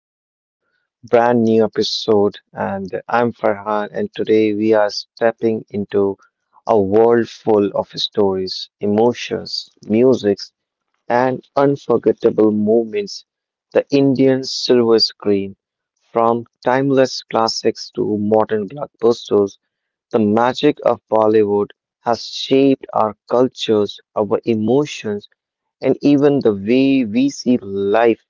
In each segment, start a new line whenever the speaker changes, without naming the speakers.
to our brand new episode. And I'm Farhan, and today we are stepping into a world full of stories, emotions, musics, and unforgettable moments. The Indian silver screen, from timeless classics to modern blockbusters, the magic of Bollywood has shaped our cultures, our emotions and even the way we see life.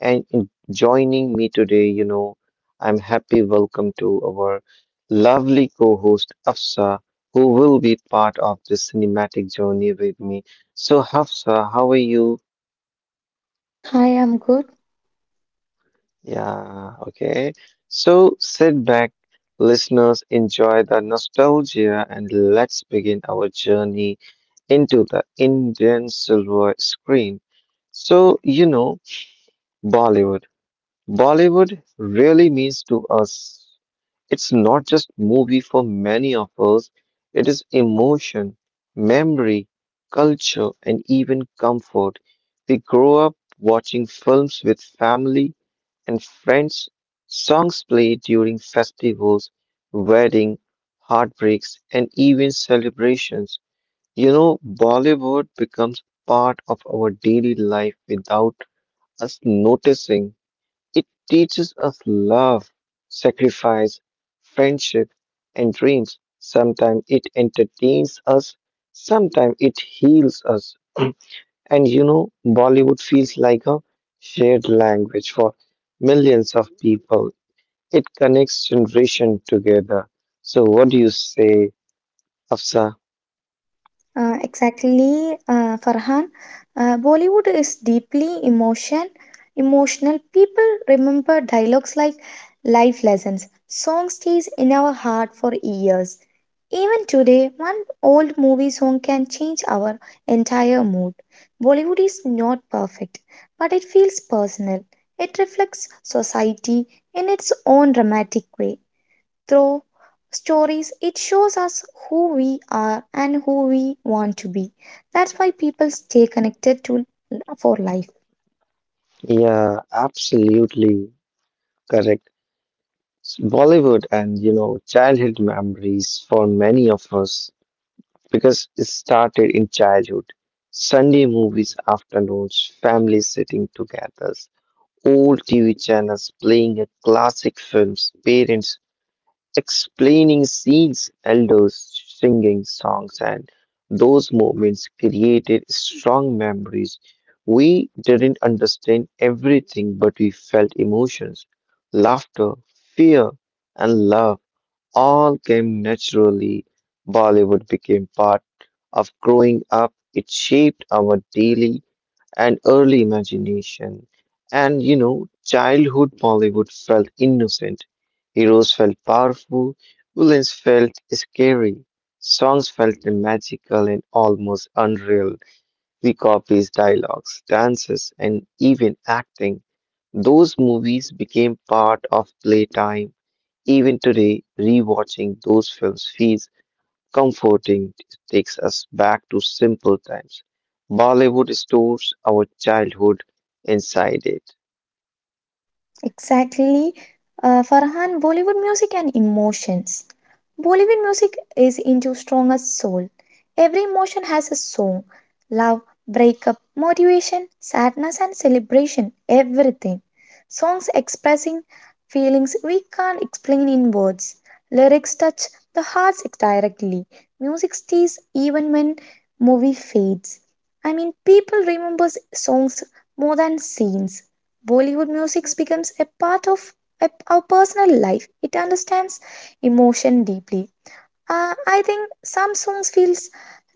And in joining me today, I'm happy welcome to our lovely co-host Afsa, who will be part of this cinematic journey with me. So Hafsa, how are you?
Hi, I'm good.
Yeah, okay. So sit back, listeners, enjoy the nostalgia and let's begin our journey into the Indian silver screen. So, you know, Bollywood. Bollywood really means to us. It's not just movie for many of us, it is emotion, memory, culture, and even comfort. We grow up watching films with family and friends, songs played during festivals, wedding, heartbreaks, and even celebrations. Bollywood becomes part of our daily life without us noticing. It teaches us love, sacrifice, friendship, and dreams. Sometimes it entertains us, sometimes it heals us. Bollywood feels like a shared language for millions of people. It connects generation together. So, what do you say, Afsa?
Exactly, Farhan. Bollywood is deeply emotional. People remember dialogues like life lessons. Song stays in our heart for years. Even today, one old movie song can change our entire mood. Bollywood is not perfect, but it feels personal. It reflects society in its own dramatic way through stories. It shows us who we are and who we want to be. That's why people stay connected to for life.
Yeah, absolutely correct. Bollywood and childhood memories for many of us, because it started in childhood. Sunday movies afternoons, families sitting together, old TV channels playing a classic films, parents explaining scenes, elders singing songs, and those moments created strong memories. We didn't understand everything, but we felt emotions, laughter, fear, and love all came naturally. Bollywood became part of growing up. It shaped our daily and early imagination. Childhood Bollywood felt innocent. Heroes felt powerful. Villains felt scary. Songs felt magical and almost unreal. We copies dialogues, dances, and even acting. Those movies became part of playtime even today, rewatching those films feels comforting. It takes us back to simple times. Bollywood stores our childhood inside it.
Exactly, Farhan. Bollywood music and emotions. Bollywood music is into stronger soul. Every emotion has a song. Love, breakup, motivation, sadness and celebration, everything. Songs expressing feelings we can't explain in words. Lyrics touch the hearts directly. Music stays even when movie fades. I mean, people remembers songs more than scenes. Bollywood music becomes a part of our personal life. It understands emotion deeply. I think some songs feels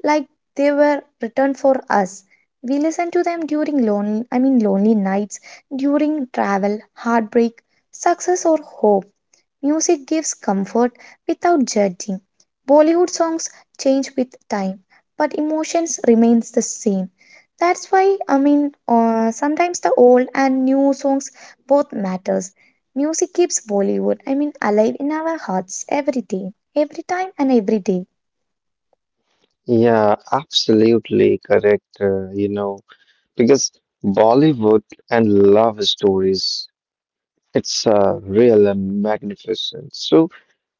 like they were written for us. We listen to them during lonely, I mean lonely nights, during travel, heartbreak, success or hope. Music gives comfort without judging. Bollywood songs change with time, but emotions remains the same. That's why I mean sometimes the old and new songs both matters. Music keeps Bollywood, I mean, alive in our hearts every day. Every time and every day.
Yeah, absolutely correct. Because Bollywood and love stories, it's real and magnificent. So,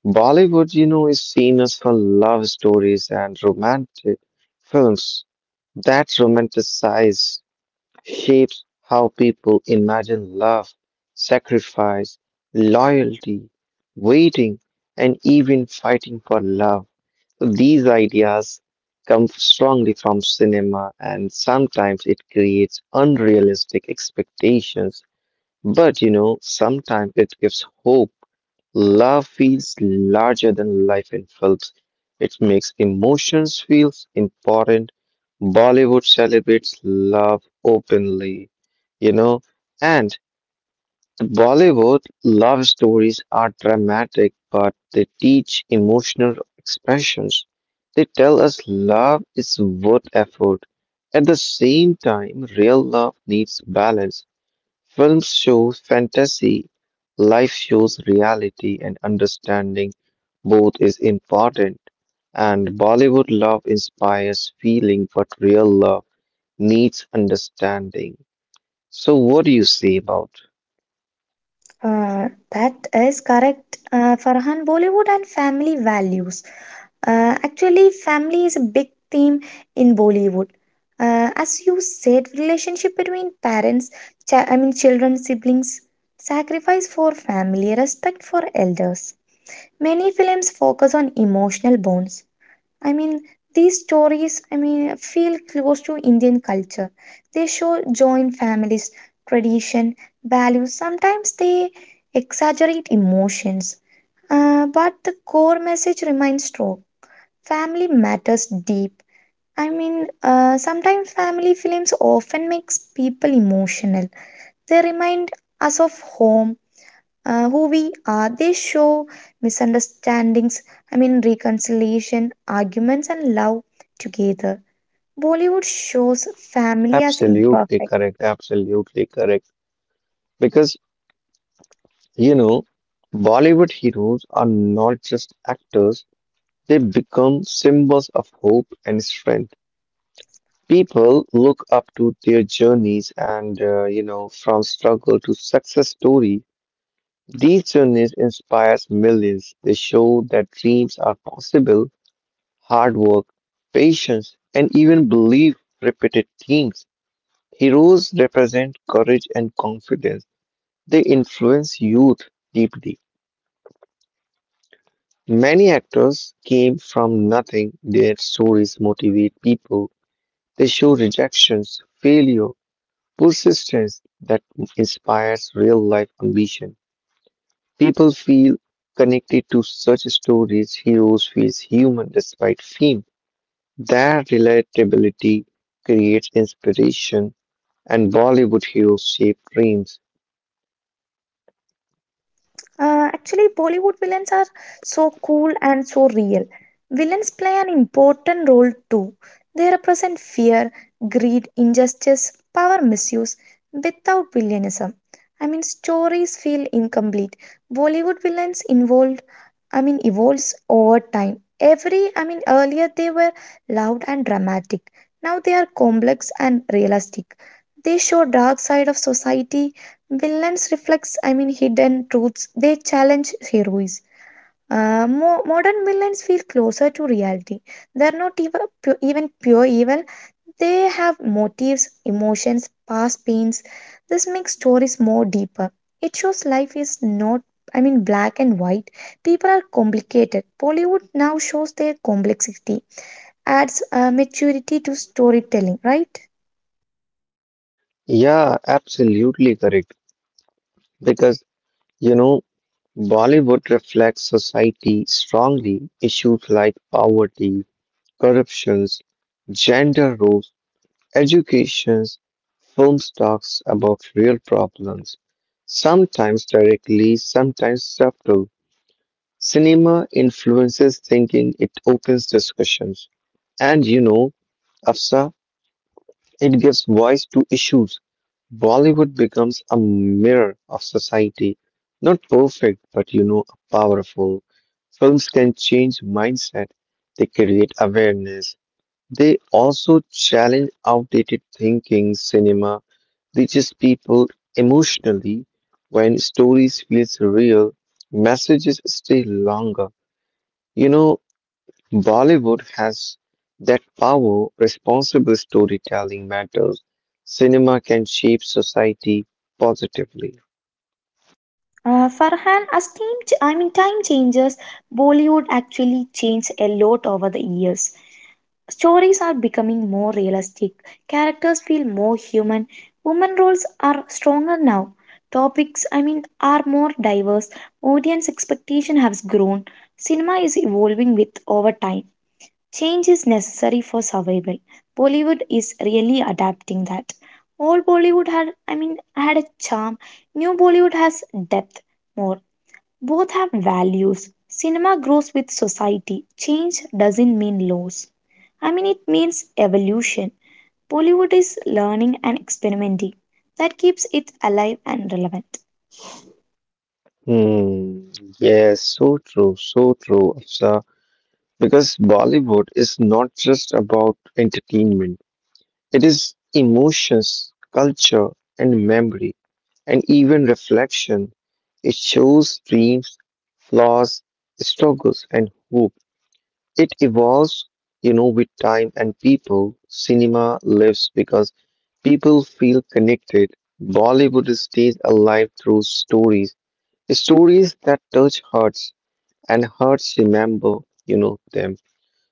Bollywood is seen as for love stories and romantic films that romanticize shapes how people imagine love, sacrifice, loyalty, waiting, and even fighting for love. So these ideas come strongly from cinema, and sometimes it creates unrealistic expectations but sometimes it gives hope. Love feels larger than life in Phelps. It makes emotions feel important. Bollywood celebrates love openly, you know, and the Bollywood love stories are dramatic, but they teach emotional expressions. They tell us love is worth effort. At the same time, real love needs balance. Films shows fantasy, life shows reality, and understanding both is important. And Bollywood love inspires feeling, but real love needs understanding. So, what do you say about?
Uh, that is correct, Farhan. Bollywood and family values. Actually, family is a big theme in Bollywood. As you said, relationship between parents, I mean, children, siblings, sacrifice for family, respect for elders. Many films focus on emotional bonds. I mean, these stories, I mean, feel close to Indian culture. They show joint families, tradition, values. Sometimes they exaggerate emotions. But the core message remains strong. Family matters deep. I mean, sometimes family films often makes people emotional. They remind us of home, who we are. They show misunderstandings, I mean, reconciliation, arguments, and love together. Bollywood shows family as
Absolutely
imperfect.
correct, absolutely correct. Because, you know, Bollywood heroes are not just actors, they become symbols of hope and strength. People look up to their journeys and from struggle to success story. These journeys inspires millions. They show that dreams are possible, hard work, patience, and even belief repeated themes. Heroes represent courage and confidence. They influence youth deeply. Many actors came from nothing. Their stories motivate people. They show rejections, failure, persistence that inspires real life ambition. People feel connected to such stories. Heroes feel human despite fame. Their relatability creates inspiration, and Bollywood heroes shape dreams.
Actually, Bollywood villains are so cool and so real. Villains play an important role too. They represent fear, greed, injustice, power misuse without villainism. I mean, stories feel incomplete. Bollywood villains involved, I mean, evolves over time. I mean, earlier they were loud and dramatic. Now they are complex and realistic. They show dark side of society. Villains reflects, I mean, hidden truths. They challenge heroes. Modern villains feel closer to reality. They are not even pure evil. They have motives, emotions, past pains. This makes stories more deeper. It shows life is not, I mean, black and white. People are complicated. Bollywood now shows their complexity, adds maturity to storytelling, right?
Yeah, absolutely correct. Because, you know, Bollywood reflects society strongly. Issues like poverty, corruptions, gender roles Education films talks about real problems, sometimes directly, sometimes subtle. Cinema influences thinking, it opens discussions. And you know, Afsa, it gives voice to issues. Bollywood becomes a mirror of society. Not perfect, but powerful. Films can change mindset, they create awareness, they also challenge outdated thinking cinema reaches people emotionally when stories feels real, messages stay longer. You know, Bollywood has that power, responsible storytelling matters. Cinema can shape society positively.
Farhan, as I mean, time changes, Bollywood actually changed a lot over the years. Stories are becoming more realistic, characters feel more human, women roles are stronger now, topics, I mean, are more diverse, audience expectation has grown, cinema is evolving with over time. Change is necessary for survival. Bollywood is really adapting that. Old Bollywood had a charm. New Bollywood has depth more. Both have values. Cinema grows with society. Change doesn't mean loss. I mean, it means evolution. Bollywood is learning and experimenting. That keeps it alive and relevant.
Hmm. Yes, so true, Afsa. Because Bollywood is not just about entertainment. It is emotions, culture, and memory, and even reflection. It shows dreams, flaws, struggles, and hope. It evolves, with time and people. Cinema lives because people feel connected. Bollywood stays alive through stories, stories that touch hearts and hearts remember them.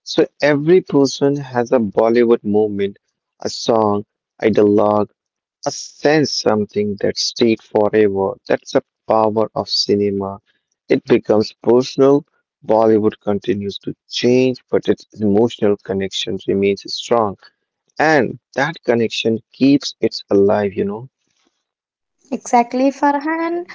So every person has a Bollywood movement, a song, a dialogue, a sense something that stayed forever. That's the power of cinema. It becomes personal. Bollywood continues to change, but its emotional connection remains strong. And that connection keeps it alive.
Exactly, Farhan. And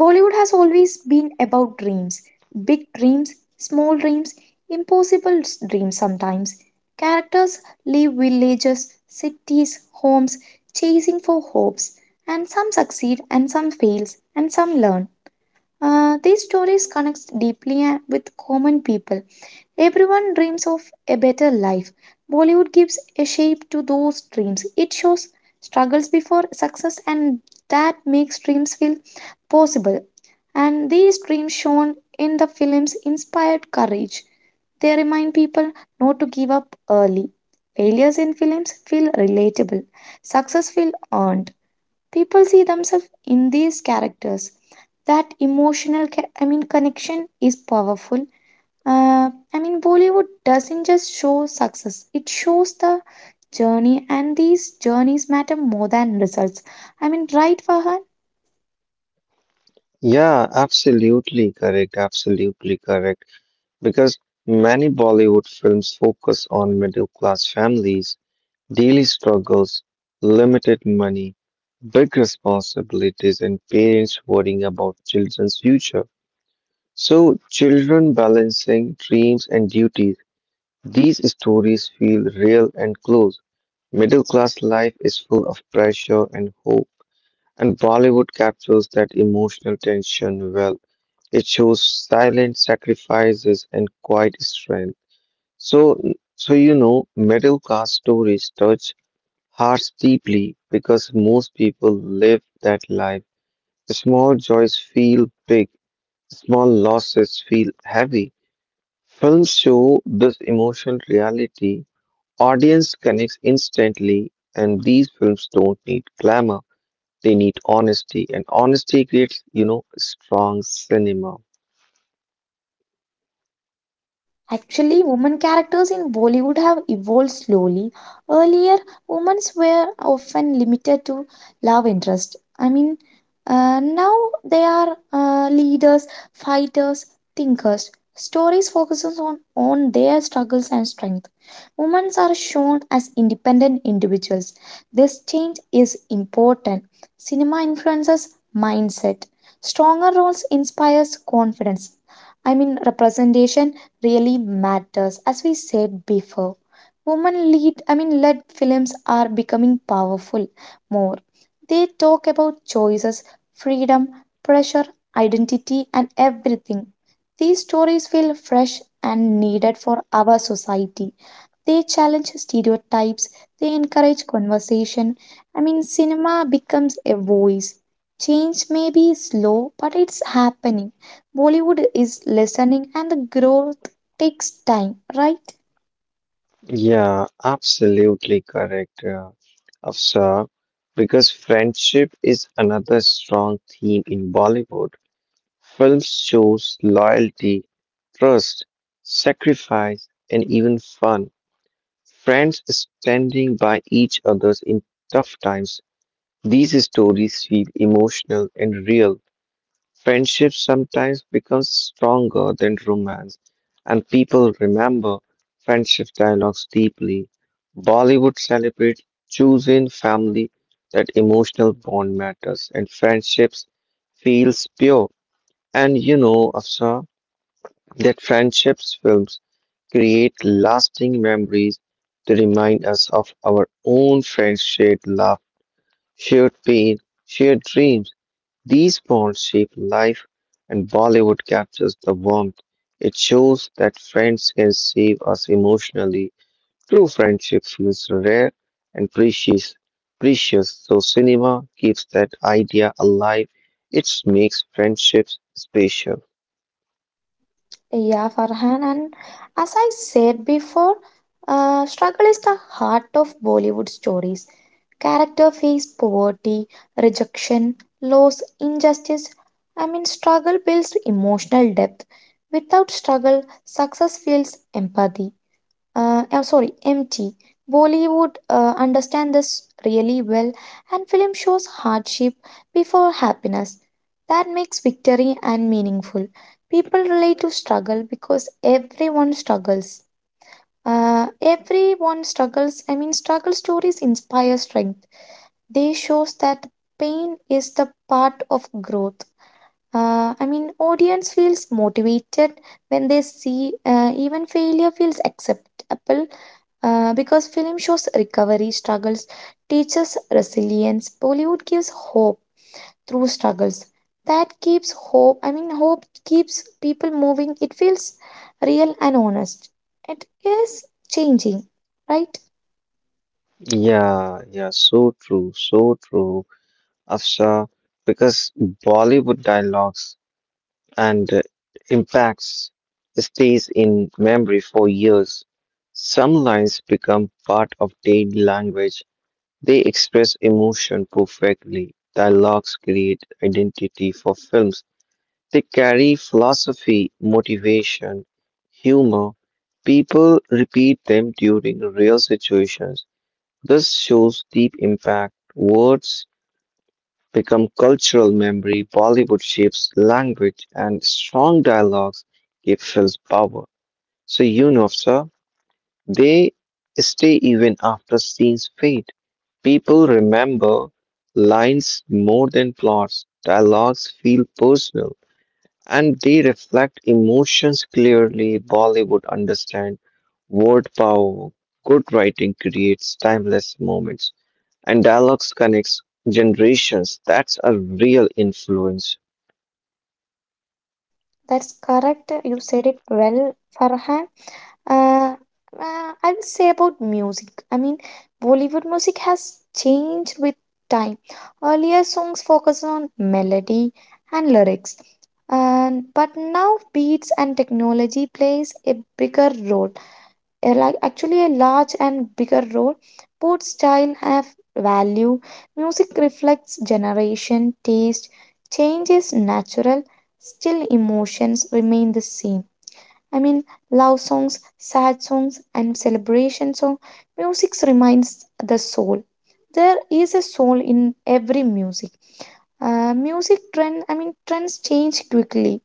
Bollywood has always been about dreams. Big dreams, small dreams, impossible dreams sometimes. Characters leave villages, cities, homes, chasing for hopes. And some succeed and some fails and some learn. These stories connect deeply with common people. Everyone dreams of a better life. Bollywood gives a shape to those dreams. It shows struggles before success, and that makes dreams feel possible. And these dreams shown in the films inspired courage. They remind people not to give up early. Failures in films feel relatable. Success feel earned. People see themselves in these characters. That I mean, connection is powerful. I mean, Bollywood doesn't just show success, it shows the journey, and these journeys matter more than results. I mean, right, Farhan?
Yeah, absolutely correct. Absolutely correct. Because many Bollywood films focus on middle class families Daily struggles, limited money, big responsibilities, and parents worrying about children's future. So, children balancing dreams and duties. These stories feel real and close. Middle class life is full of pressure and hope, and Bollywood captures that emotional tension well. It shows silent sacrifices and quiet strength. So, so middle class stories touch hearts deeply because most people live that life. The small joys feel big, small losses feel heavy. Films show this emotional reality. Audience connects instantly, and these films don't need glamour. They need honesty, and honesty creates strong cinema.
Actually, women characters in Bollywood have evolved slowly. Earlier, women were often limited to love interest. I mean, now they are leaders, fighters, thinkers. Stories focuses on their struggles and strength. Women are shown as independent individuals. This change is important. Cinema influences mindset. Stronger roles inspires confidence. I mean, representation really matters. As we said before, women led films are becoming powerful more. They talk about choices, freedom, pressure, identity, and everything. These stories feel fresh and needed for our society. They challenge stereotypes, they encourage conversation. I mean, cinema becomes a voice. Change may be slow, but it's happening. Bollywood is listening, and the growth takes time, right?
Yeah, absolutely correct, Afsar. Because friendship is another strong theme in Bollywood. Film shows loyalty, trust, sacrifice, and even fun. Friends standing by each other in tough times. These stories feel emotional and real. Friendship sometimes becomes stronger than romance, and people remember friendship dialogues deeply. Bollywood celebrates choosing family that emotional bond matters and friendships feels pure. Afsar, that friendships films create lasting memories to remind us of our own friends' shared love, shared pain, shared dreams. These bonds shape life, and Bollywood captures the warmth. It shows that friends can save us emotionally. True friendship feels rare and precious. Precious, so cinema keeps that idea alive. It makes friendships special.
Yeah, Farhan. And as I said before, struggle is the heart of Bollywood stories. Character face poverty, rejection, loss, injustice. I mean, struggle builds emotional depth. Without struggle, success feels empathy. I'm sorry, empty. Bollywood understand this really well, and film shows hardship before happiness. That makes victory and meaningful. People relate to struggle because everyone struggles. Everyone struggles. I mean, struggle stories inspire strength. They shows that pain is the part of growth. I mean, audience feels motivated when they see even failure feels acceptable because film shows recovery struggles, teaches resilience. Bollywood gives hope through struggles. That keeps hope. I mean, hope keeps people moving. It feels real and honest. It is changing, right?
Yeah, yeah, so true, Afsha, because Bollywood dialogues and impacts stays in memory for years. Some lines become part of daily language. They express emotion perfectly. Dialogues create identity for films. They carry philosophy, motivation, humor. People repeat them during real situations this shows deep impact. Words become cultural memory, Bollywood shapes language, and strong dialogues give films power. So, sir, they stay even after scenes fade. People remember lines more than plots. Dialogues feel personal and they reflect emotions clearly. Bollywood understands word power. Good writing creates timeless moments, and dialogues connects generations. That's a real influence.
That's correct. You said it well, Farhan. Uh, I will say about music. I mean, Bollywood music has changed with time. Earlier songs focused on melody and lyrics, and but now beats and technology plays a bigger role, like actually a large and bigger role. Both style have value. Music reflects generation taste. Change is natural. Still emotions remain the same. I mean, love songs, sad songs, and celebration songs. Music reminds the soul. There is a soul in every music. Music trends change quickly.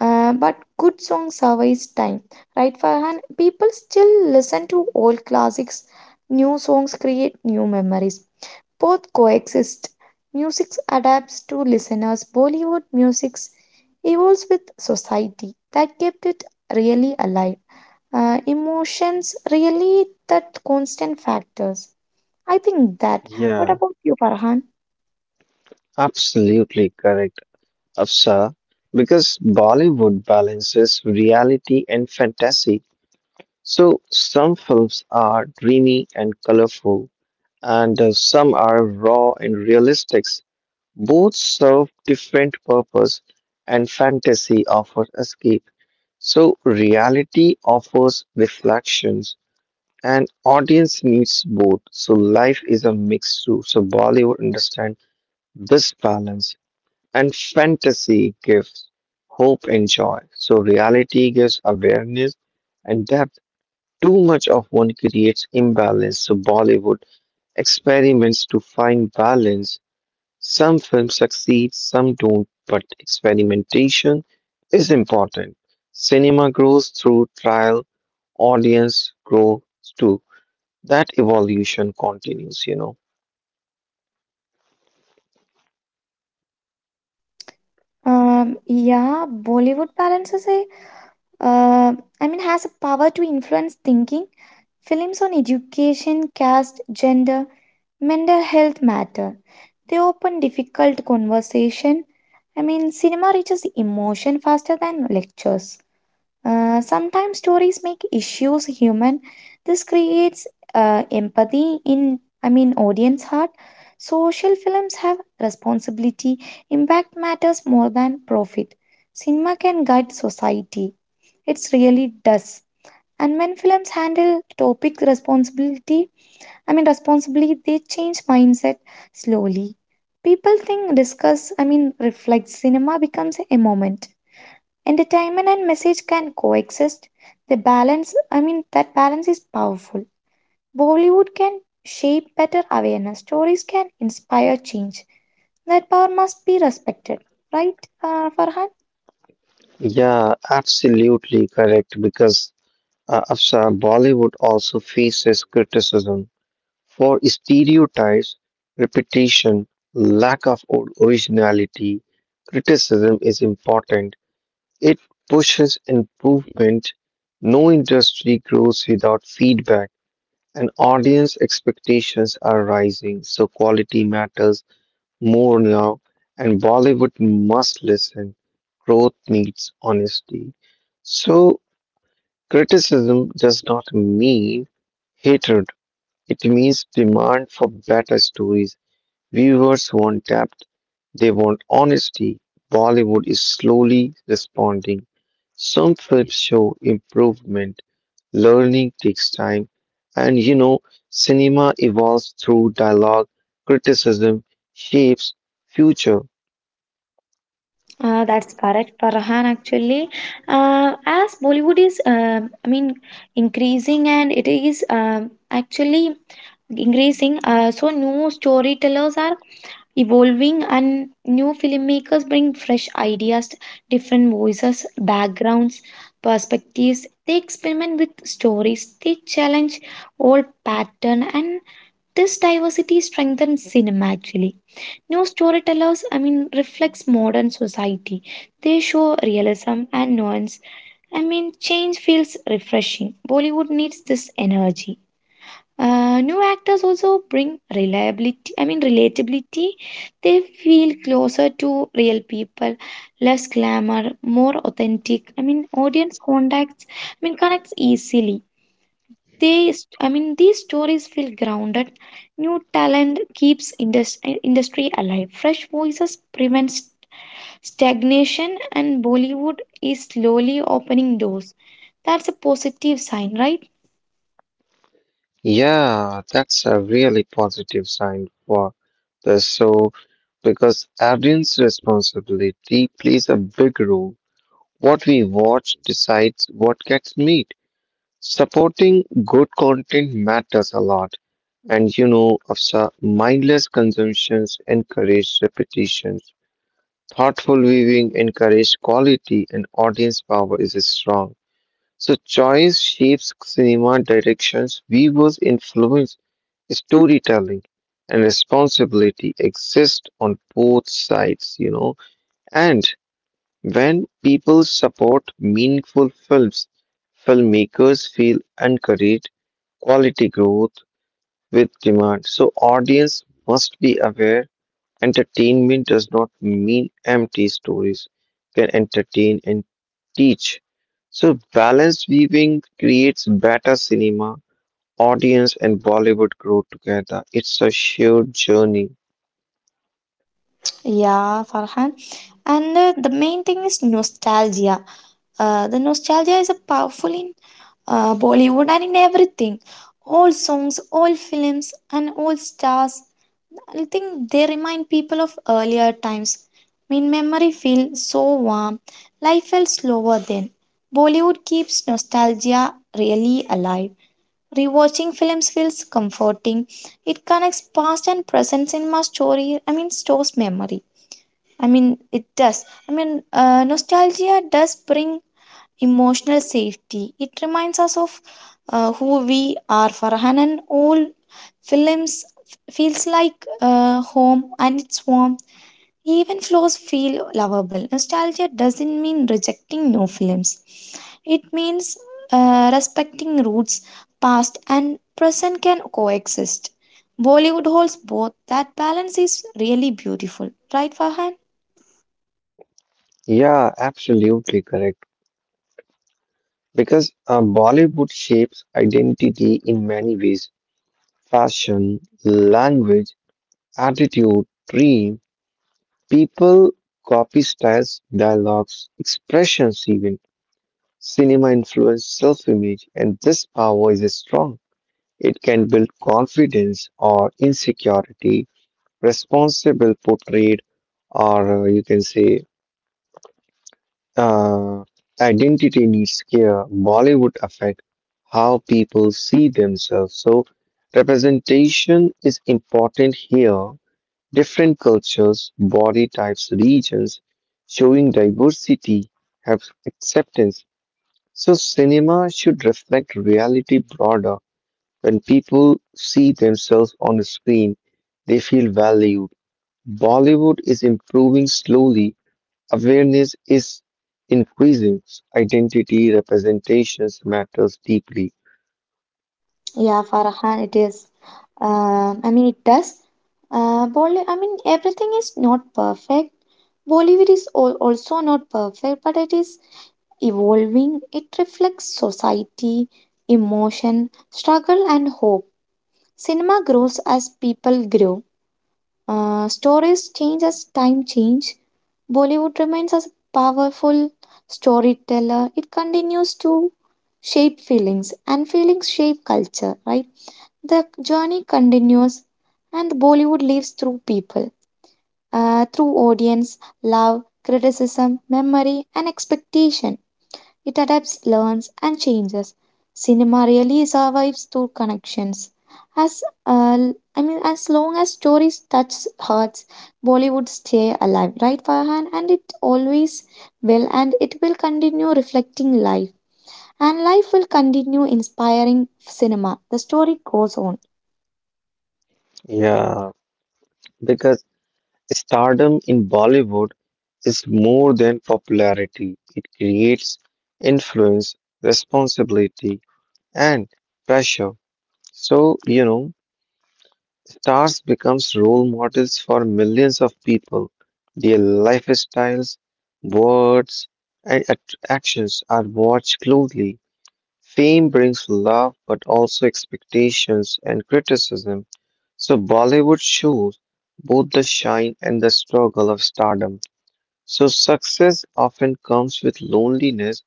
But good songs survives time, right? Farhan, people still listen to old classics. New songs create new memories. Both coexist. Music adapts to listeners. Bollywood music evolves with society. That kept it really alive. Emotions really that constant factors. I think that. What
Yeah,
about you, Farhan?
absolutely correct, Afsa. Because Bollywood balances reality and fantasy. So some films are dreamy and colorful, and some are raw and realistic. Both serve different purpose and fantasy offers escape. So reality offers reflections and audience needs both. So life is a mix too. So Bollywood understands this balance and fantasy gives hope and joy. So reality gives awareness and depth. Too much of one creates imbalance. So Bollywood experiments to find balance some films succeed, some don't, but experimentation is important. Cinema grows through trial, audience grows too. That evolution continues.
Yeah, Bollywood balances uh, I mean, has a power to influence thinking. Films on education, caste, gender, mental health matter. They open difficult conversation. I mean, cinema reaches emotion faster than lectures. Sometimes stories make issues human. This creates empathy in, I mean, audience heart. Social films have responsibility. Impact matters more than profit. Cinema can guide society. It really does. And when films handle topic responsibility, I mean, responsibly, they change mindset slowly. People think discuss, I mean, reflect. Cinema becomes a moment. Entertainment and message can coexist. The balance, I mean, that balance is powerful. Bollywood can shape better awareness, stories can inspire change. That power must be respected, right, Farhan?
Yeah, absolutely correct. Because Afsar, Bollywood also faces criticism for stereotypes, repetition, lack of originality. Criticism is important, It pushes improvement. No industry grows without feedback, and audience expectations are rising, so quality matters more now, and Bollywood must listen. Growth needs honesty. So, criticism does not mean hatred, it means demand for better stories. Viewers want depth, they want honesty. Bollywood is slowly responding. Some films show improvement, learning takes time, and you know, cinema evolves through dialogue, criticism, shapes, future.
That's correct, Farhan. Actually, uh, as Bollywood is, I mean, increasing and it is actually increasing. So new storytellers are evolving, and new filmmakers bring fresh ideas, different voices, backgrounds, perspectives. They experiment with stories. They challenge old pattern and this diversity strengthens cinema actually. New storytellers, I mean, reflects modern society. They show realism and nuance. I mean, change feels refreshing. Bollywood needs this energy. New actors also bring relatability. They feel closer to real people, less glamour, more authentic. I mean, audience connects easily. They, st- I mean, these stories feel grounded. New talent keeps industry alive. Fresh voices prevents stagnation, and Bollywood is slowly opening doors. That's a positive sign, right?
Yeah, that's a really positive sign for the show because audience responsibility plays a big role. What we watch decides what gets made. Supporting good content matters a lot. Afsa, mindless consumptions encourage repetitions. Thoughtful viewing encourage quality and audience power is strong. So choice shapes cinema directions, viewers influence storytelling and responsibility exist on both sides. And when people support meaningful films, filmmakers feel encouraged, quality growth with demand. So audience must be aware entertainment does not mean empty stories can entertain and teach. So balanced viewing creates better cinema. Audience and Bollywood grow together. It's a shared journey.
Yeah, Farhan. And the main thing is nostalgia. The nostalgia is a powerful Bollywood, and in everything. All songs, all films, and all stars. I think they remind people of earlier times. When memory feels so warm, life felt slower then. Bollywood keeps nostalgia really alive. Rewatching films feels comforting. It connects past and present in my story. I mean, stores memory. I mean, it does. I mean, nostalgia does bring emotional safety. It reminds us of who we are. Farhan and all films feels like home and it's warm. Even flows feel lovable. Nostalgia doesn't mean rejecting new films. It means respecting roots, past and present can coexist. Bollywood holds both. That balance is really beautiful, right, Farhan?
Yeah, absolutely correct. Because Bollywood shapes identity in many ways fashion, language, attitude, dream. People copy styles, dialogues, expressions, even. Cinema influence self image, and this power is strong. It can build confidence or insecurity, responsible portrayed, or you can say Uh, identity needs care. Bollywood affect how people see themselves. So representation is important here. Different cultures, body types, regions, showing diversity have acceptance. So cinema should reflect reality broader. When people see themselves on the screen, they feel valued. Bollywood is improving slowly Awareness is increasing. Identity representations matters deeply.
Yeah, Farhan, it is. I mean, it does. Everything is not perfect. Bollywood is also not perfect, but it is evolving. It reflects society, emotion, struggle, and hope. Cinema grows as people grow. Stories change as time change. Bollywood remains as a powerful storyteller. It continues to shape feelings, and feelings shape culture, right? The journey continues, and Bollywood lives through people, through audience, love, criticism, memory, and expectation. It adapts, learns, and changes. Cinema really survives through connections. As uh, as long as stories touch hearts, Bollywood stay alive, right, Farhan? And it always will, and it will continue reflecting life, and life will continue inspiring cinema. The story goes on.
Yeah, because stardom in Bollywood is more than popularity. It creates influence, responsibility, and pressure. So, stars becomes role models for millions of people. Their lifestyles, words, and actions are watched closely. Fame brings love, but also expectations and criticism. So, Bollywood shows both the shine and the struggle of stardom. So, success often comes with loneliness,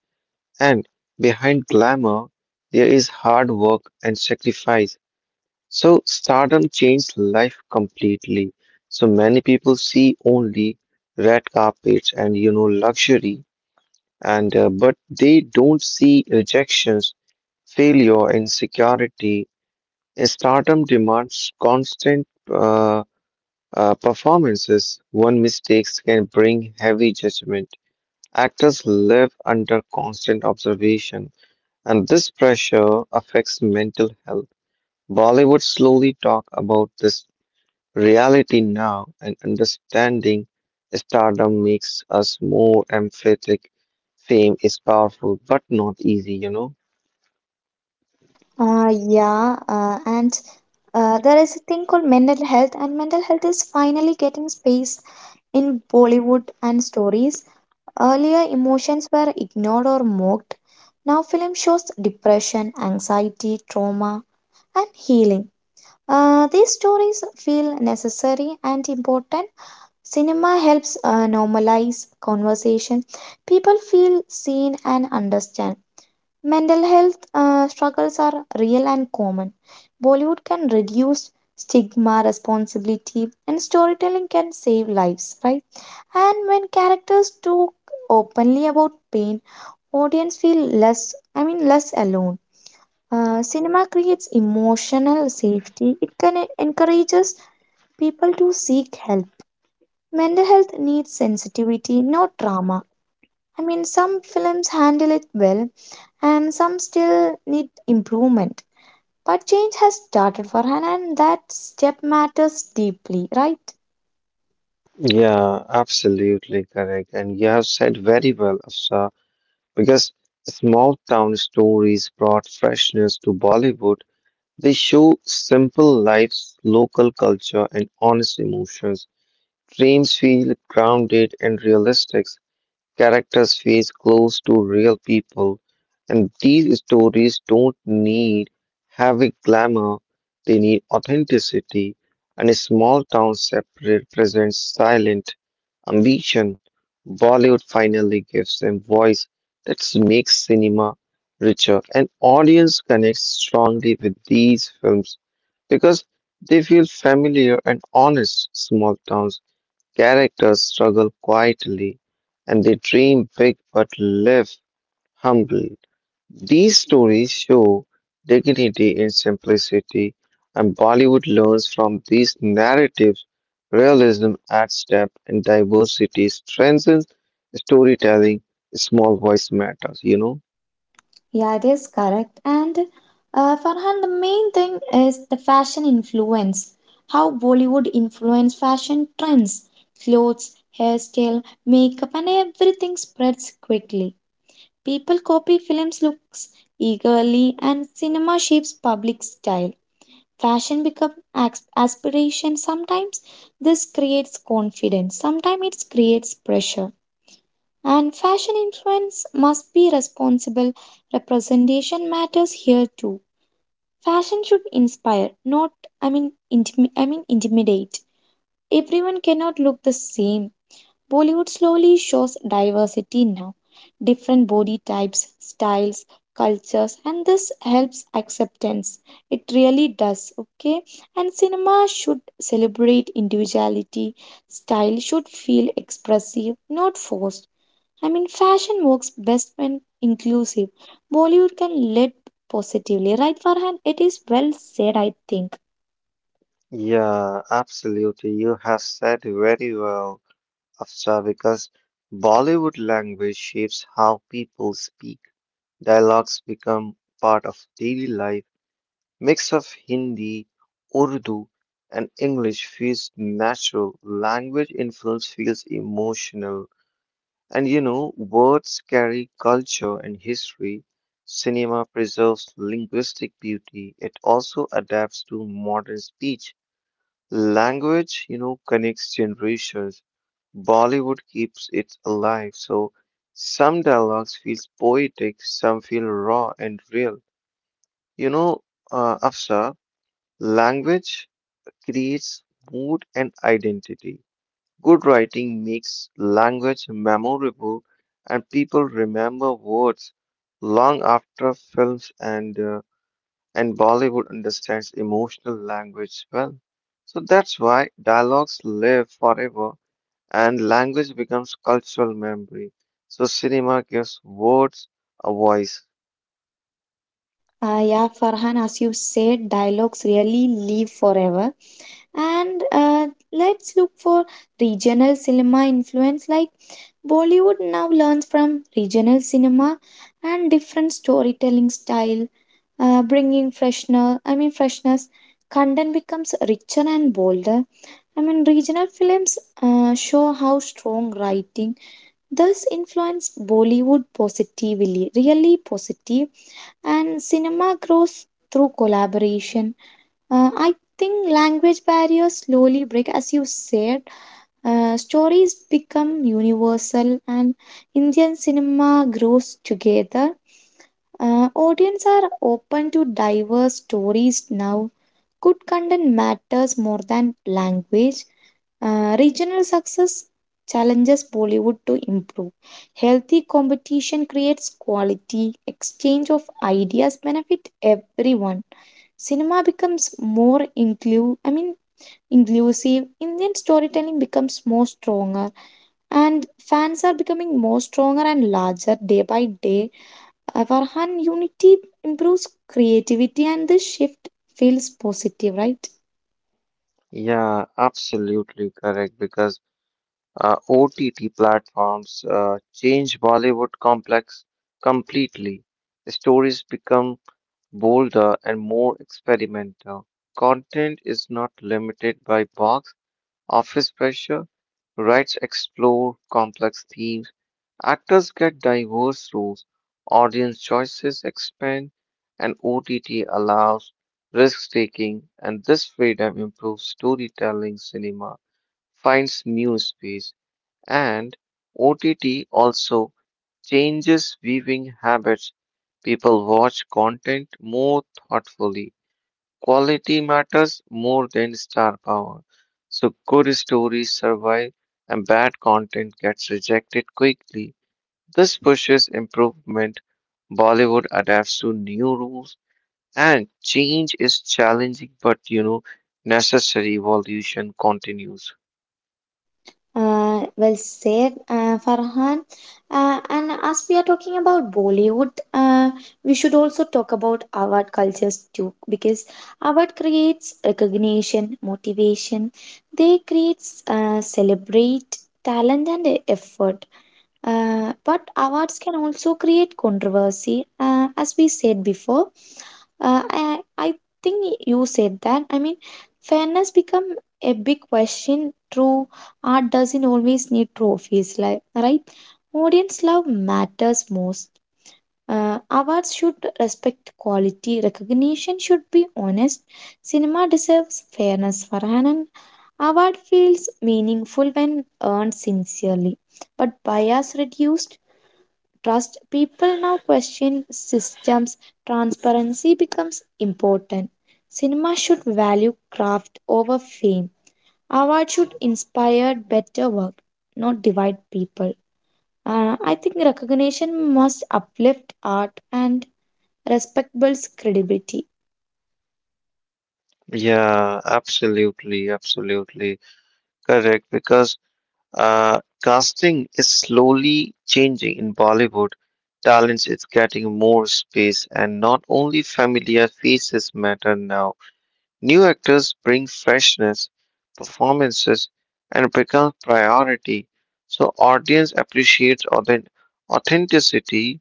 and behind glamour, there is hard work and sacrifice. So, stardom changed life completely. So, many people see only red carpets and luxury, and but they don't see rejections failure, insecurity. And Stardom demands constant performances. One mistakes can bring heavy judgment. Actors live under constant observation, and this pressure affects mental health. Bollywood slowly talk about this reality now, and understanding stardom makes us more empathetic. Fame is powerful, but not easy.
Yeah, and there is a thing called mental health, and mental health is finally getting space in Bollywood and stories. Earlier, emotions were ignored or mocked. Now, film shows depression, anxiety, trauma, and healing. These stories feel necessary and important. Cinema helps normalize conversation. People feel seen and understand. Mental health struggles are real and common. Bollywood can reduce stigma, responsibility, and storytelling can save lives, right? And when characters talk openly about pain, audience feel less alone. Cinema creates emotional safety. It can encourages people to seek help. Mental health needs sensitivity, not drama. I mean, some films handle it well, and some still need improvement. But change has started for her, and that step matters deeply, right?
Yeah, absolutely correct. And you have said very well, Afsar, because small town stories brought freshness to Bollywood. They show simple lives, local culture, and honest emotions. Dreams feel grounded and realistic. Characters face close to real people, and these stories don't need heavy glamour, they need authenticity. And a small town represents silent ambition. Bollywood finally gives them voice that makes cinema richer, and audience connects strongly with these films because they feel familiar and honest. Small towns characters struggle quietly and they dream big but live humbly. These stories show dignity in simplicity, and Bollywood learns from these narratives. Realism adds depth and diversity strengthens storytelling. Small voice matters, you know?
Yeah, it is correct. And Farhan, the main thing is the fashion influence. How Bollywood influence fashion trends, clothes, hairstyle, makeup, and everything spreads quickly. People copy films' looks eagerly, and cinema shapes public style. Fashion becomes aspiration. Sometimes this creates confidence. Sometimes it creates pressure. And fashion influence must be responsible. Representation matters here too. Fashion should inspire, not I mean intimidate. Everyone cannot look the same. Bollywood slowly shows diversity now. Different body types, styles, cultures, and this helps acceptance. It really does, okay? And cinema should celebrate individuality. Style should feel expressive, not forced. I mean, fashion works best when inclusive. Bollywood can lead positively, right, Farhan? It is well said, I think.
Yeah, absolutely. You have said very well. Afsar, because Bollywood language shapes how people speak. Dialogues become part of daily life. Mix of Hindi, Urdu, and English feels natural. Language influence feels emotional. And you know, words carry culture and history. Cinema preserves linguistic beauty. It also adapts to modern speech. Language, you know, connects generations. Bollywood keeps it alive, so some dialogues feel poetic, some feel raw and real. You know, Afsar, language creates mood and identity. Good writing makes language memorable, and people remember words long after films and and Bollywood understands emotional language well. So that's why dialogues live forever and language becomes cultural memory. So cinema gives words a voice.
Yeah, Farhan, as you said, dialogues really live forever. And Let's look for regional cinema influence. Like Bollywood now learns from regional cinema and different storytelling style, bringing freshness. Content becomes richer and bolder. I mean, regional films show how strong writing thus influenced Bollywood positively, really positive, and cinema grows through collaboration. I think language barriers slowly break, as you said, stories become universal and Indian cinema grows together. Audience are open to diverse stories now. Good content matters more than language. Regional success challenges Bollywood to improve. Healthy competition creates quality. Exchange of ideas benefit everyone. Cinema becomes more inclusive. Indian storytelling becomes more stronger and fans are becoming more stronger and larger day by day. Our unity improves creativity and this shift feels positive, right?
Yeah, absolutely correct. Because OTT platforms change Bollywood complex completely. The stories become bolder and more experimental. Content is not limited by box office pressure. Writers explore complex themes, actors get diverse roles, audience choices expand, and OTT allows risk taking, and this freedom improves storytelling. Cinema finds new space, and OTT also changes viewing habits. People watch content more thoughtfully. Quality matters more than star power. So good stories survive and bad content gets rejected quickly. This pushes improvement. Bollywood adapts to new rules and change is challenging, but necessary evolution continues.
Well said, Farhan. And as we are talking about Bollywood, we should also talk about award cultures too, because award creates recognition, motivation. They creates celebrate talent and effort. But awards can also create controversy, as we said before. I think you said that. I mean, fairness become a big question through. Art doesn't always need trophies, like right? Audience love matters most. Awards should respect quality. Recognition should be honest. Cinema deserves fairness. Farhanan award feels meaningful when earned sincerely, but bias reduced trust. People now question systems. Transparency becomes important. Cinema should value craft over fame. Awards should inspire better work, not divide people. I think recognition must uplift art and respect builds credibility.
Yeah, absolutely, absolutely correct. Because Uh, casting is slowly changing in Bollywood. Talent is getting more space, and not only familiar faces matter now. New actors bring freshness, performances, and become priority. So audience appreciates authenticity.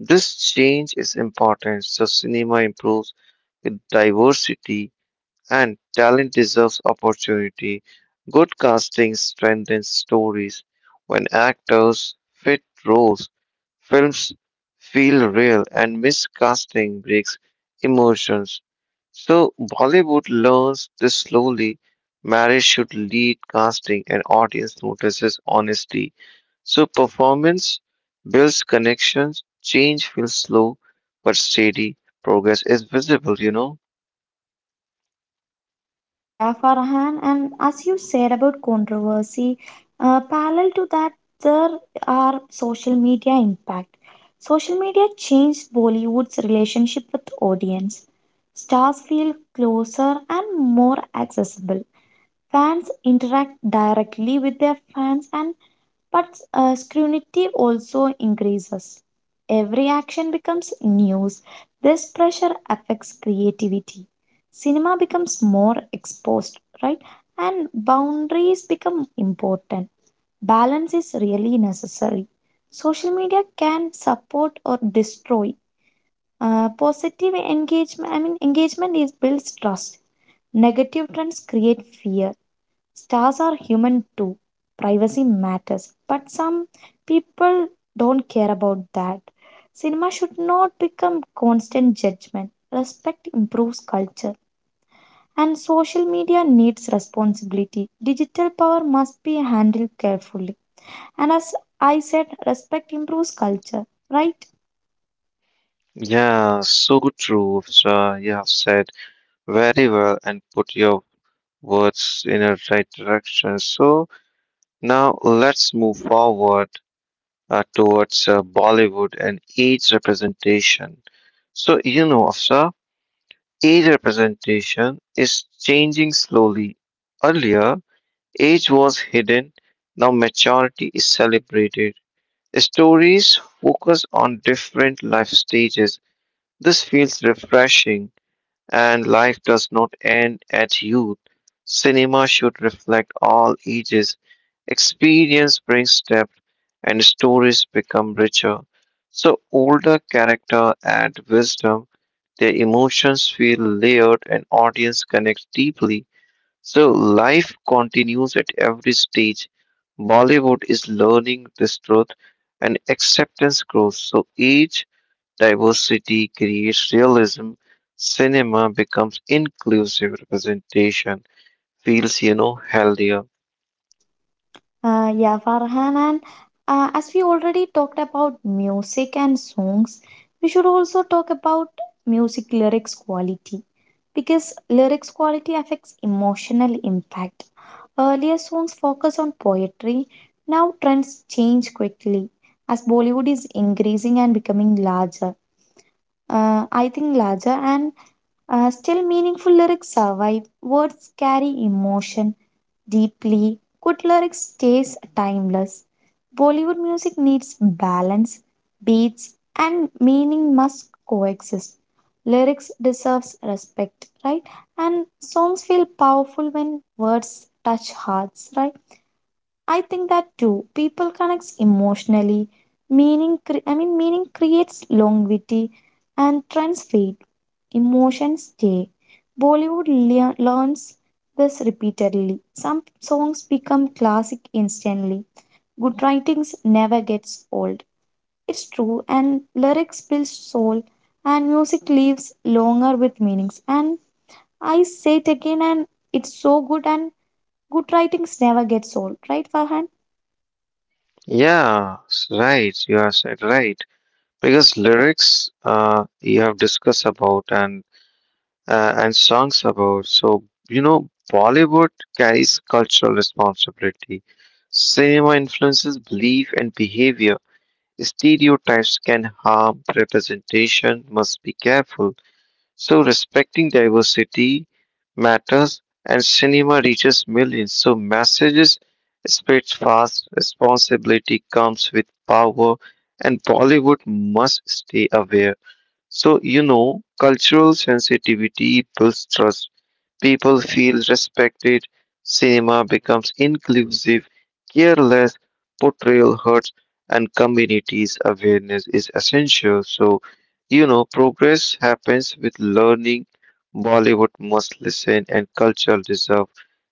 This change is important. So cinema improves with diversity and talent deserves opportunity. Good casting strengthens stories. When actors fit roles, films feel real, and miscasting breaks emotions. So, Bollywood learns this slowly. Marriage should lead casting, and audience notices honesty. So, performance builds connections, change feels slow but steady, progress is visible, you know.
Yeah, Farhan, and as you said about controversy, parallel to that, there are social media impact. Social media changed Bollywood's relationship with audience. Stars feel closer and more accessible. Fans interact directly with their fans, and but scrutiny also increases. Every action becomes news. This pressure affects creativity. Cinema becomes more exposed, right? And boundaries become important. Balance is really necessary. Social media can support or destroy. Positive engagement is builds trust. Negative trends create fear. Stars are human too. Privacy matters. But some people don't care about that. Cinema should not become constant judgment. Respect improves culture. And social media needs responsibility. Digital power must be handled carefully. And as I said, respect improves culture, right?
Yeah, so true, Vishal. You have said very well and put your words in the right direction. So now let's move forward towards Bollywood and age representation. So, you know, Afsar, age representation is changing slowly. Earlier, age was hidden, now maturity is celebrated. Stories focus on different life stages. This feels refreshing. And life does not end at youth. Cinema should reflect all ages. Experience brings depth and stories become richer. So older character add wisdom, their emotions feel layered and audience connects deeply. So life continues at every stage. Bollywood is learning this truth and acceptance grows. So age diversity creates realism. Cinema becomes inclusive representation, feels, you know, healthier.
Yeah, Farhan, and as we already talked about music and songs, we should also talk about music lyrics quality because lyrics quality affects emotional impact. Earlier songs focus on poetry, now trends change quickly as Bollywood is increasing and becoming larger. I think larger and still, meaningful lyrics survive. Words carry emotion deeply. Good lyrics stays timeless. Bollywood music needs balance, beats, and meaning must coexist. Lyrics deserves respect, right? And songs feel powerful when words touch hearts, right? I think that too. People connects emotionally. Meaning creates longevity, and trends fade. Emotions stay. Bollywood learns this repeatedly. Some songs become classic instantly. Good writings never gets old. It's true, and lyrics build soul, and music lives longer with meanings. And I say it again, and it's so good, and good writings never gets old, right, Farhan?
Yeah, right. You are said right. Because lyrics, you have discussed about and and songs about. So you know, Bollywood carries cultural responsibility. Cinema influences belief and behavior. Stereotypes can harm representation. Must be careful. So respecting diversity matters and cinema reaches millions. So messages spreads fast, responsibility comes with power and Bollywood must stay aware. So, you know, cultural sensitivity builds trust. People feel respected. Cinema becomes inclusive. Careless portrayal hurts, and communities' awareness is essential. So, you know, progress happens with learning. Bollywood must listen, and culture deserve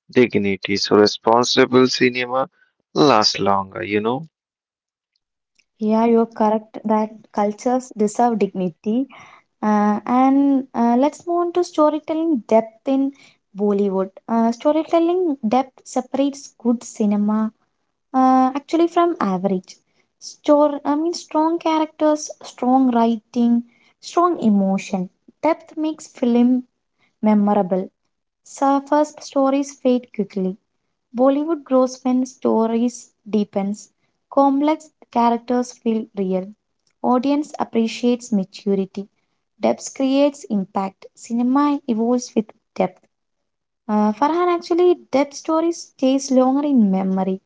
dignity. So, responsible cinema lasts longer, you know.
Yeah, you're correct that cultures deserve dignity. And let's move on to storytelling depth in Bollywood. Storytelling depth separates good cinema actually from average. Strong characters, strong writing, strong emotion. Depth makes film memorable. Surface stories fade quickly. Bollywood grows when stories deepens, complex characters feel real, audience appreciates maturity, depth creates impact, cinema evolves with depth. Farhan actually depth stories stays longer in memory.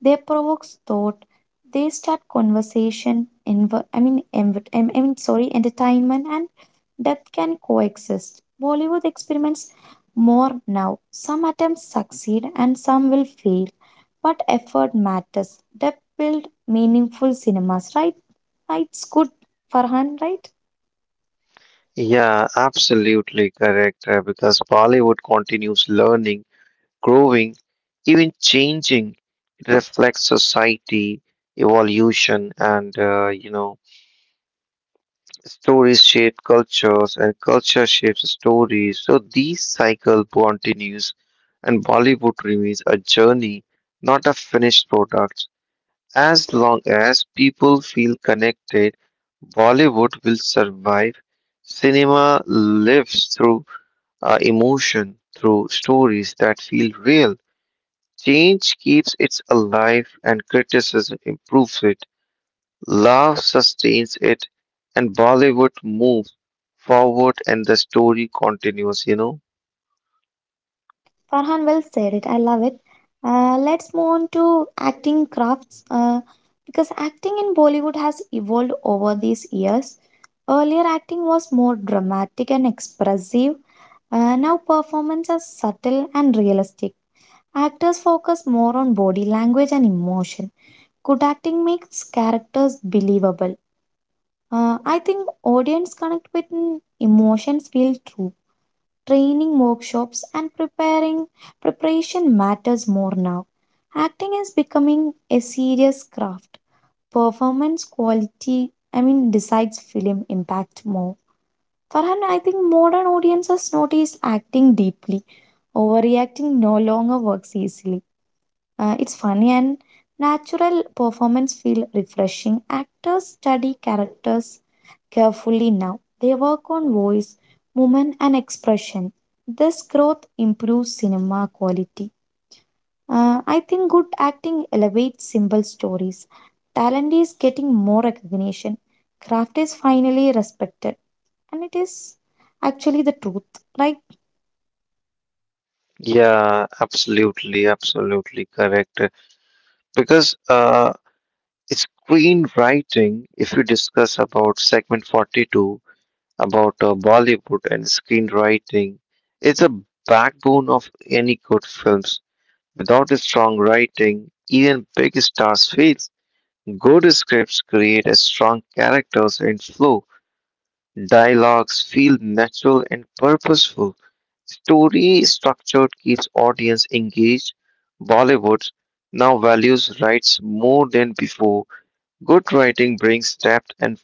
They provokes thought. They start conversation. Entertainment and depth can coexist. Bollywood experiments more now. Some attempts succeed and some will fail, but effort matters. Depth build meaningful cinemas, right? Right, it's good. Farhan, right?
Yeah, absolutely correct. Because Bollywood continues learning growing, even changing, it reflects society, evolution, and you know, stories shape cultures, and culture shapes stories. So these cycle continues, and Bollywood remains a journey, not a finished product. As long as people feel connected, Bollywood will survive. Cinema lives through emotion, through stories that feel real. Change keeps it alive and criticism improves it. Love sustains it and Bollywood moves forward and the story continues, you know?
Farhan well said it. I love it. Let's move on to acting crafts because acting in Bollywood has evolved over these years. Earlier, acting was more dramatic and expressive. Now, performance is subtle and realistic. Actors focus more on body language and emotion. Good acting makes characters believable. I think audience connect with emotions feel true. Training workshops and preparing preparation matters more now. Acting is becoming a serious craft. Performance quality, I mean, decides film impact more. Farhan, I think modern audiences notice acting deeply. Overreacting no longer works easily. It's funny and natural performance feel refreshing. Actors study characters carefully now. They work on voice, movement, and expression. This growth improves cinema quality. I think good acting elevates simple stories. Talent is getting more recognition. Craft is finally respected. And it is actually the truth, right?
Yeah, absolutely, absolutely correct. Because screenwriting, if you discuss about segment 42 about Bollywood and screenwriting, it's a backbone of any good films. Without a strong writing, even big stars fail. Good scripts create a strong characters and flow. Dialogues feel natural and purposeful. Story structure keeps audience engaged. Bollywood now values rights more than before. Good writing brings depth and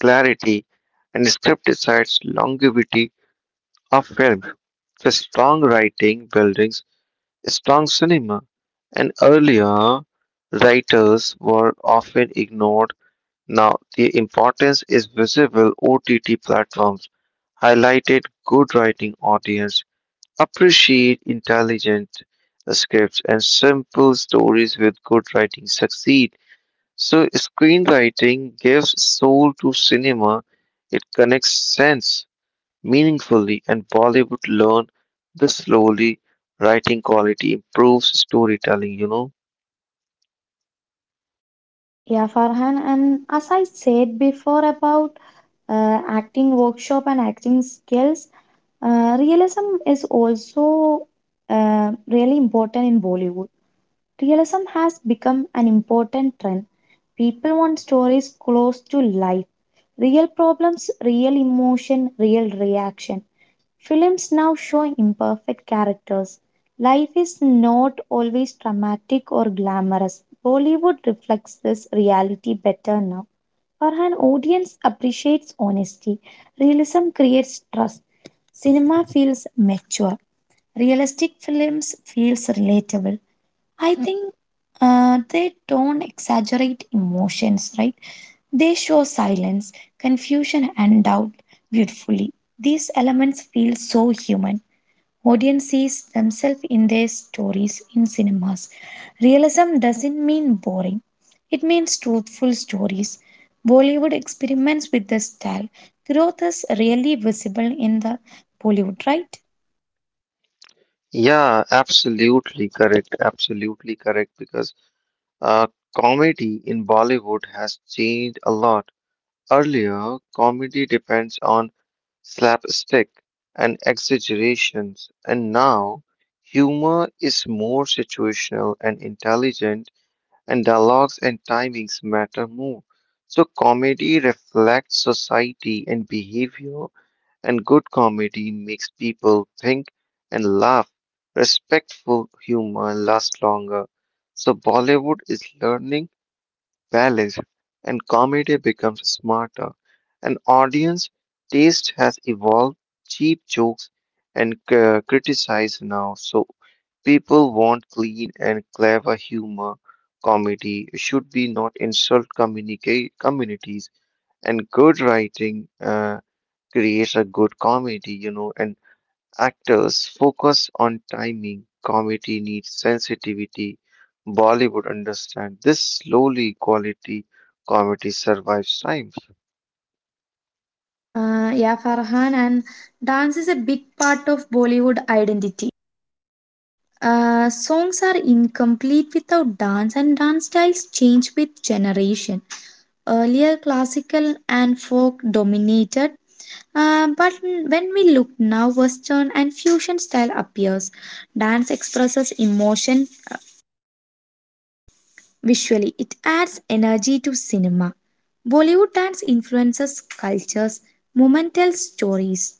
clarity, and script decides longevity of film. So strong writing buildings strong cinema, and earlier writers were often ignored now, the importance is visible. OTT platforms highlighted good writing audience, appreciate intelligent scripts and simple stories with good writing succeed. So screenwriting gives soul to cinema. It connects sense meaningfully and Bollywood learn the slowly writing quality improves storytelling, you know.
Yeah, Farhan. And as I said before about acting workshop and acting skills. Realism is also really important in Bollywood. Realism has become an important trend. People want stories close to life, real problems, real emotion, real reaction. Films now show imperfect characters. Life is not always dramatic or glamorous. Bollywood reflects this reality better now. For audience appreciates honesty. Realism creates trust. Cinema feels mature. Realistic films feels relatable. I think they don't exaggerate emotions, right? They show silence, confusion, and doubt beautifully. These elements feel so human. Audience sees themselves in their stories in cinemas. Realism doesn't mean boring, it means truthful stories. Bollywood experiments with the style. Growth is really visible in the Bollywood, right?
Yeah, absolutely correct. Absolutely correct because Uh, comedy in Bollywood has changed a lot. Earlier, comedy depends on slapstick and exaggerations, and now humor is more situational and intelligent, and dialogues and timings matter more. So, comedy reflects society and behavior, and good comedy makes people think and laugh. Respectful humor lasts longer. So, Bollywood is learning balanced, and comedy becomes smarter. An audience taste has evolved. Cheap jokes and criticize now, so people want clean and clever humor. Comedy should be not insult communicate communities, and good writing creates a good comedy, you know, and actors focus on timing, comedy needs sensitivity. Bollywood understand this slowly quality comedy survives time.
Yeah, Farhan, and dance is a big part of Bollywood identity. Songs are incomplete without dance, and dance styles change with generation. Earlier, classical and folk dominated. But when we look now, Western and fusion style appears. Dance expresses emotion visually, it adds energy to cinema. Bollywood dance influences cultures, moment tells stories.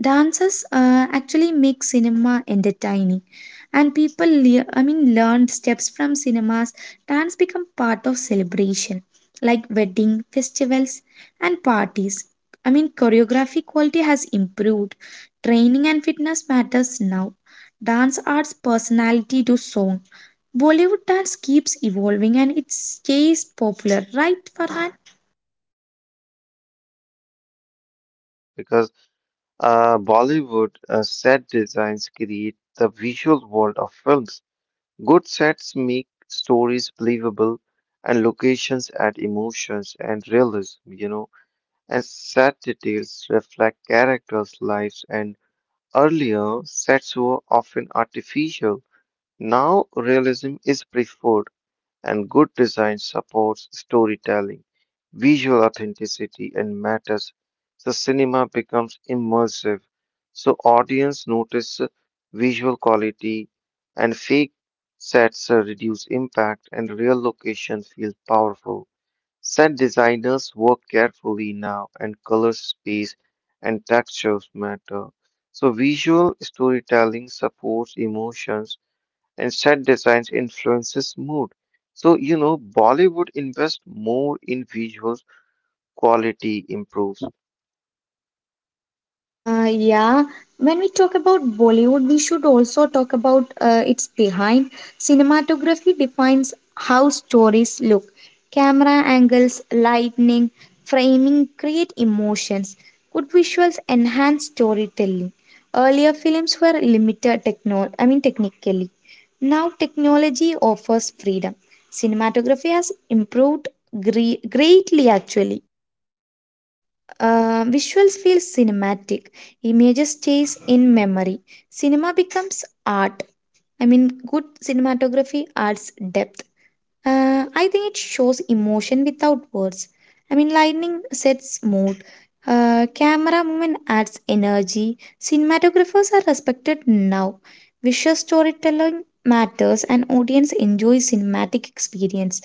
Dances actually make cinema entertaining, and people, learned steps from cinemas. Dance become part of celebration, like wedding, festivals, and parties. I mean, choreography quality has improved. Training and fitness matters now. Dance adds personality to song. Bollywood dance keeps evolving and it stays popular, right, Farhan?
Yeah, absolutely correct. Because Bollywood set designs create the visual world of films. Good sets make stories believable and locations add emotions and realism, you know, and set details reflect characters' lives and earlier, sets were often artificial. Now, realism is preferred, and good design supports storytelling, visual authenticity, and matters. The cinema becomes immersive. So, audience notice visual quality, and fake sets reduce impact, and real location feels powerful. Set designers work carefully now, and color, space, and textures matter. So, visual storytelling supports emotions, and set designs influences mood. So, you know, Bollywood invests more in visuals, quality improves.
Yeah, when we talk about Bollywood, we should also talk about its behind. Cinematography defines how stories look. Camera angles, lighting, framing create emotions. Good visuals enhance storytelling. Earlier films were limited techno I mean technically. Now technology offers freedom. Cinematography has improved greatly actually. Visuals feel cinematic. Images stays in memory. Cinema becomes art. I mean, good cinematography adds depth. I think it shows emotion without words. I mean, lightning sets mood. Camera movement adds energy. Cinematographers are respected now. Visual storytelling matters, and audience enjoys cinematic experience.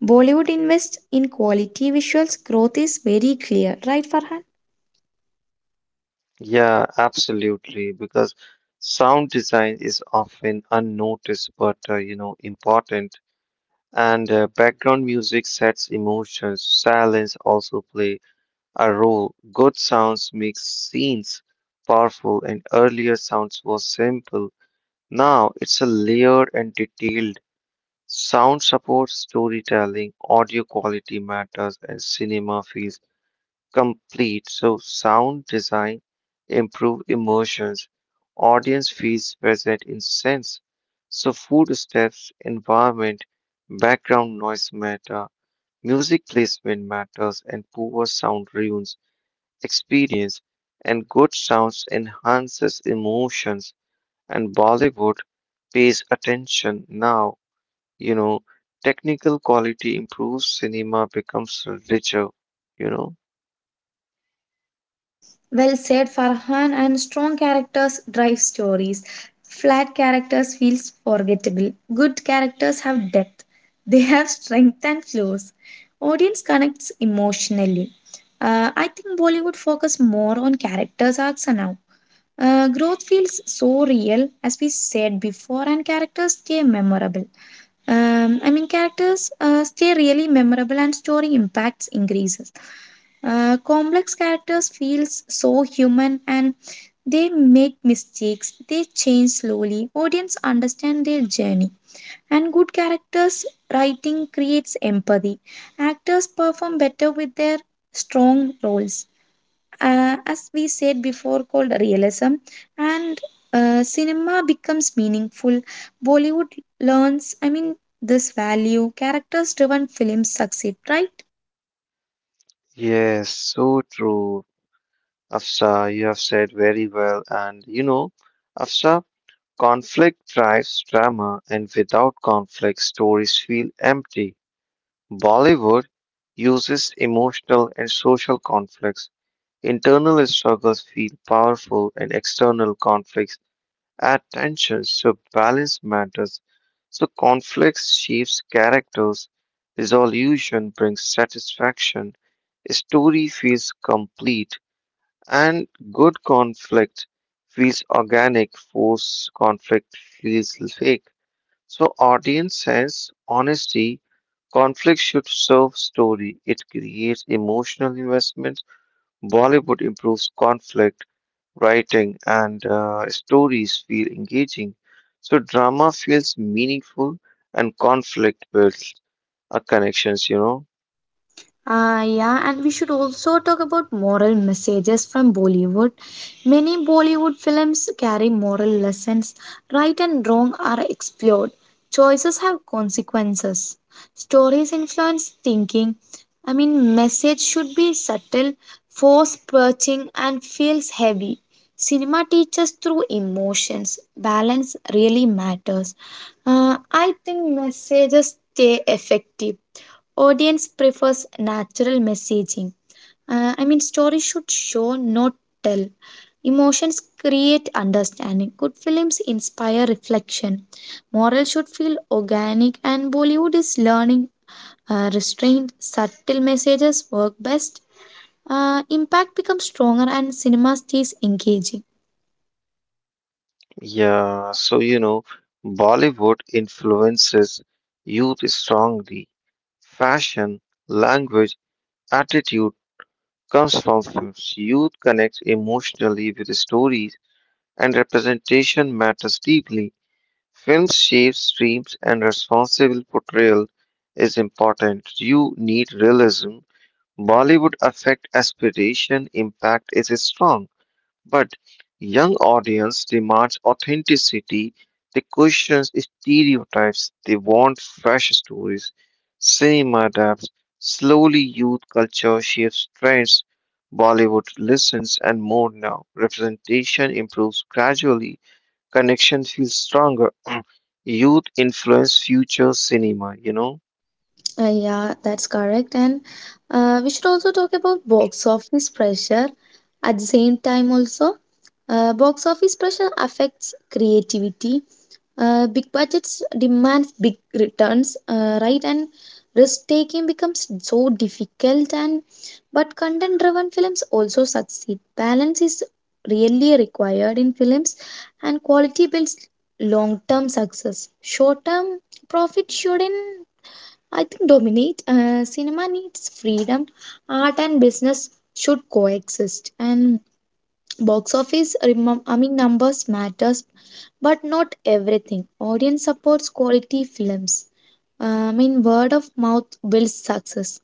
Bollywood invests in quality visuals. Growth is very clear, right, Farhan?
Yeah, absolutely, because sound design is often unnoticed but, you know, important. And background music sets emotions, silence also play a role. Good sounds makes scenes powerful, and earlier sounds were simple. Now it's a layered and detailed. Sound supports storytelling, audio quality matters, and cinema feels complete. So sound design improve emotions. Audience feels present in sense. So food steps, environment, background noise matter, music placement matters, and poor sound ruins experience, and good sounds enhances emotions, and Bollywood pays attention now. You know, technical quality improves, cinema becomes richer, you know.
Well said, Farhan. And strong characters drive stories. Flat characters feels forgettable. Good characters have depth. They have strength and flaws. Audience connects emotionally. I think Bollywood focus more on characters arcs now. Growth feels so real, as we said before, and characters stay memorable. Characters stay really memorable, and story impacts increases. Complex characters feels so human, and they make mistakes. They change slowly. Audience understand their journey, and good characters writing creates empathy. Actors perform better with their strong roles as we said before, called realism. And Cinema becomes meaningful. Bollywood learns, I mean, this value. Characters driven films succeed, right?
Yes, so true, Afsa. You have said very well. And, you know, Afsa, conflict drives drama, and without conflict, stories feel empty. Bollywood uses emotional and social conflicts. Internal struggles feel powerful, and external conflicts add tensions, so balance matters. So, conflicts shapes characters, resolution brings satisfaction, a story feels complete, and good conflict feels organic, forced conflict feels fake. So audience says honesty, conflict should serve story. It creates emotional investment. Bollywood improves conflict writing and stories feel engaging. So drama feels meaningful and conflict builds connections, you know.
Yeah, and we should also talk about moral messages from Bollywood. Many Bollywood films carry moral lessons. Right and wrong are explored. Choices have consequences. Stories influence thinking. I mean, message should be subtle, force perching, and feels heavy. Cinema teaches through emotions. Balance really matters. I think messages stay effective. Audience prefers natural messaging. I mean, stories should show, not tell. Emotions create understanding. Good films inspire reflection. Moral should feel organic, and Bollywood is learning. Restrained, subtle messages work best. Impact becomes stronger, and cinema stays engaging.
Yeah, so you know, Bollywood influences youth strongly. Fashion, language, attitude comes from films. Youth connects emotionally with stories, and representation matters deeply. Films shape streams, and responsible portrayal is important. You need realism. Bollywood affect aspiration, impact is strong. But young audience demands authenticity, they question stereotypes, they want fresh stories. Cinema adapts, slowly youth culture shapes trends. Bollywood listens and more now. Representation improves gradually. Connection feels stronger. Youth influence future cinema, you know?
Yeah, that's correct. And We should also talk about box office pressure at the same time, also. Box office pressure affects creativity. Big budgets demand big returns, right? And risk taking becomes so difficult. And but content driven films also succeed. Balance is really required in films, and quality builds long term success. Short term profit shouldn't, I think, dominate. Cinema needs freedom. Art and business should coexist. And box office, numbers matters, but not everything. Audience supports quality films. I mean, word of mouth builds success.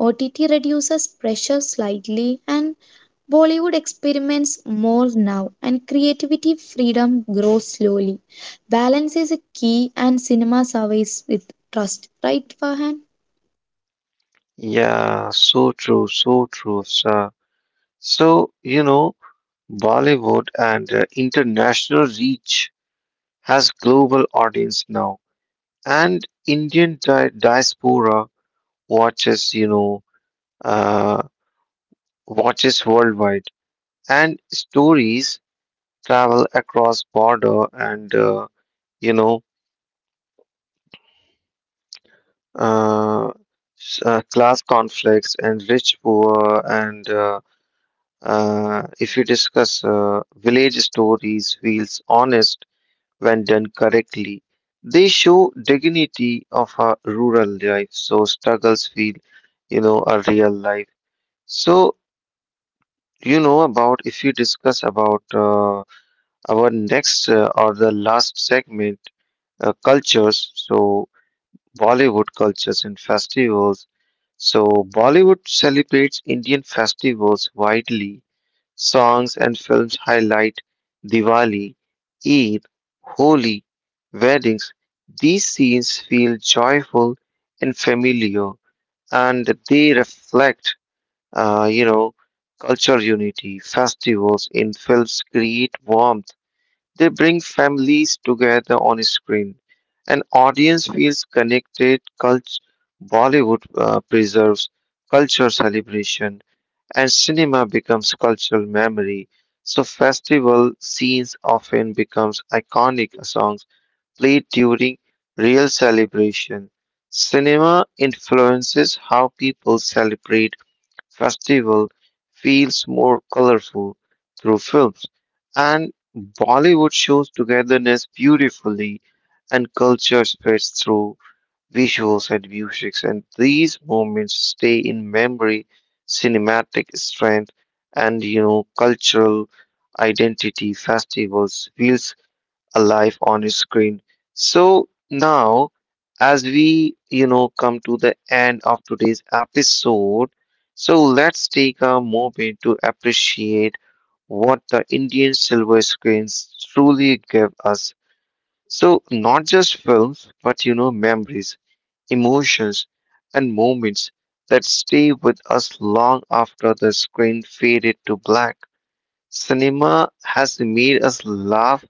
OTT reduces pressure slightly, and Bollywood experiments more now, and creativity freedom grows slowly. Balance is a key, and cinema survives with trust. Right, Farhan?
Yeah, so true, sir. So, you know, Bollywood and international reach has global audience now, and Indian diaspora watches, you know, uh, watches worldwide, and stories travel across border and you know uh, class conflicts and rich poor and if you discuss village stories feels honest when done correctly. They show dignity of a rural life, so struggles feel, you know, a real life. So, you know, about if we discuss about our next or the last segment, cultures, so Bollywood cultures and festivals. So, Bollywood celebrates Indian festivals widely. Songs and films highlight Diwali, Eid, Holi, weddings. These scenes feel joyful and familiar, and they reflect, you know, cultural unity. Festivals in films create warmth. They bring families together on screen. An audience feels connected. Bollywood preserves culture celebration and cinema becomes cultural memory. So festival scenes often becomes iconic songs played during real celebration. Cinema influences how people celebrate festival feels more colorful through films and Bollywood shows togetherness beautifully and culture spreads through visuals, and music, and these moments stay in memory, cinematic strength, and you know, cultural identity. Festivals feels alive on a screen. So now, as we you know come to the end of today's episode, so let's take a moment to appreciate what the Indian silver screens truly give us. So not just films, but you know memories emotions, and moments that stay with us long after the screen faded to black. Cinema has made us laugh,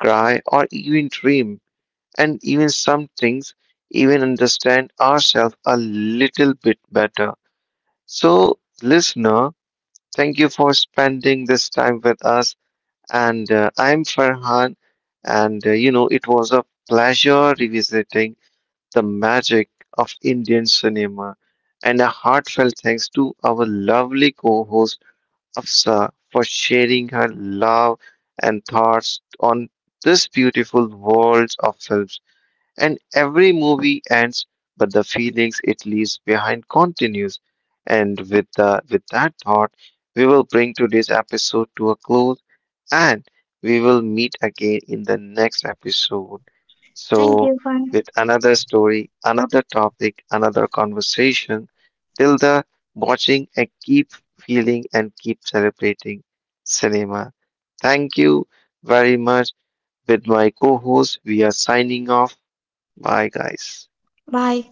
cry, or even dream, and even some things even understand ourselves a little bit better. So, listener, thank you for spending this time with us. And I'm Farhan, and you know, it was a pleasure revisiting the magic of Indian cinema. And a heartfelt thanks to our lovely co host, Afsa, for sharing her love and thoughts on this beautiful world of films. And every movie ends, but the feelings it leaves behind continues. And with that thought, we will bring today's episode to a close and we will meet again in the next episode.
Thank
So,
you. Bye.
with another story, another topic, another conversation. Till the watching and keep feeling and keep celebrating cinema. Thank you very much. With my co host, we are signing off. Bye, guys.
Bye.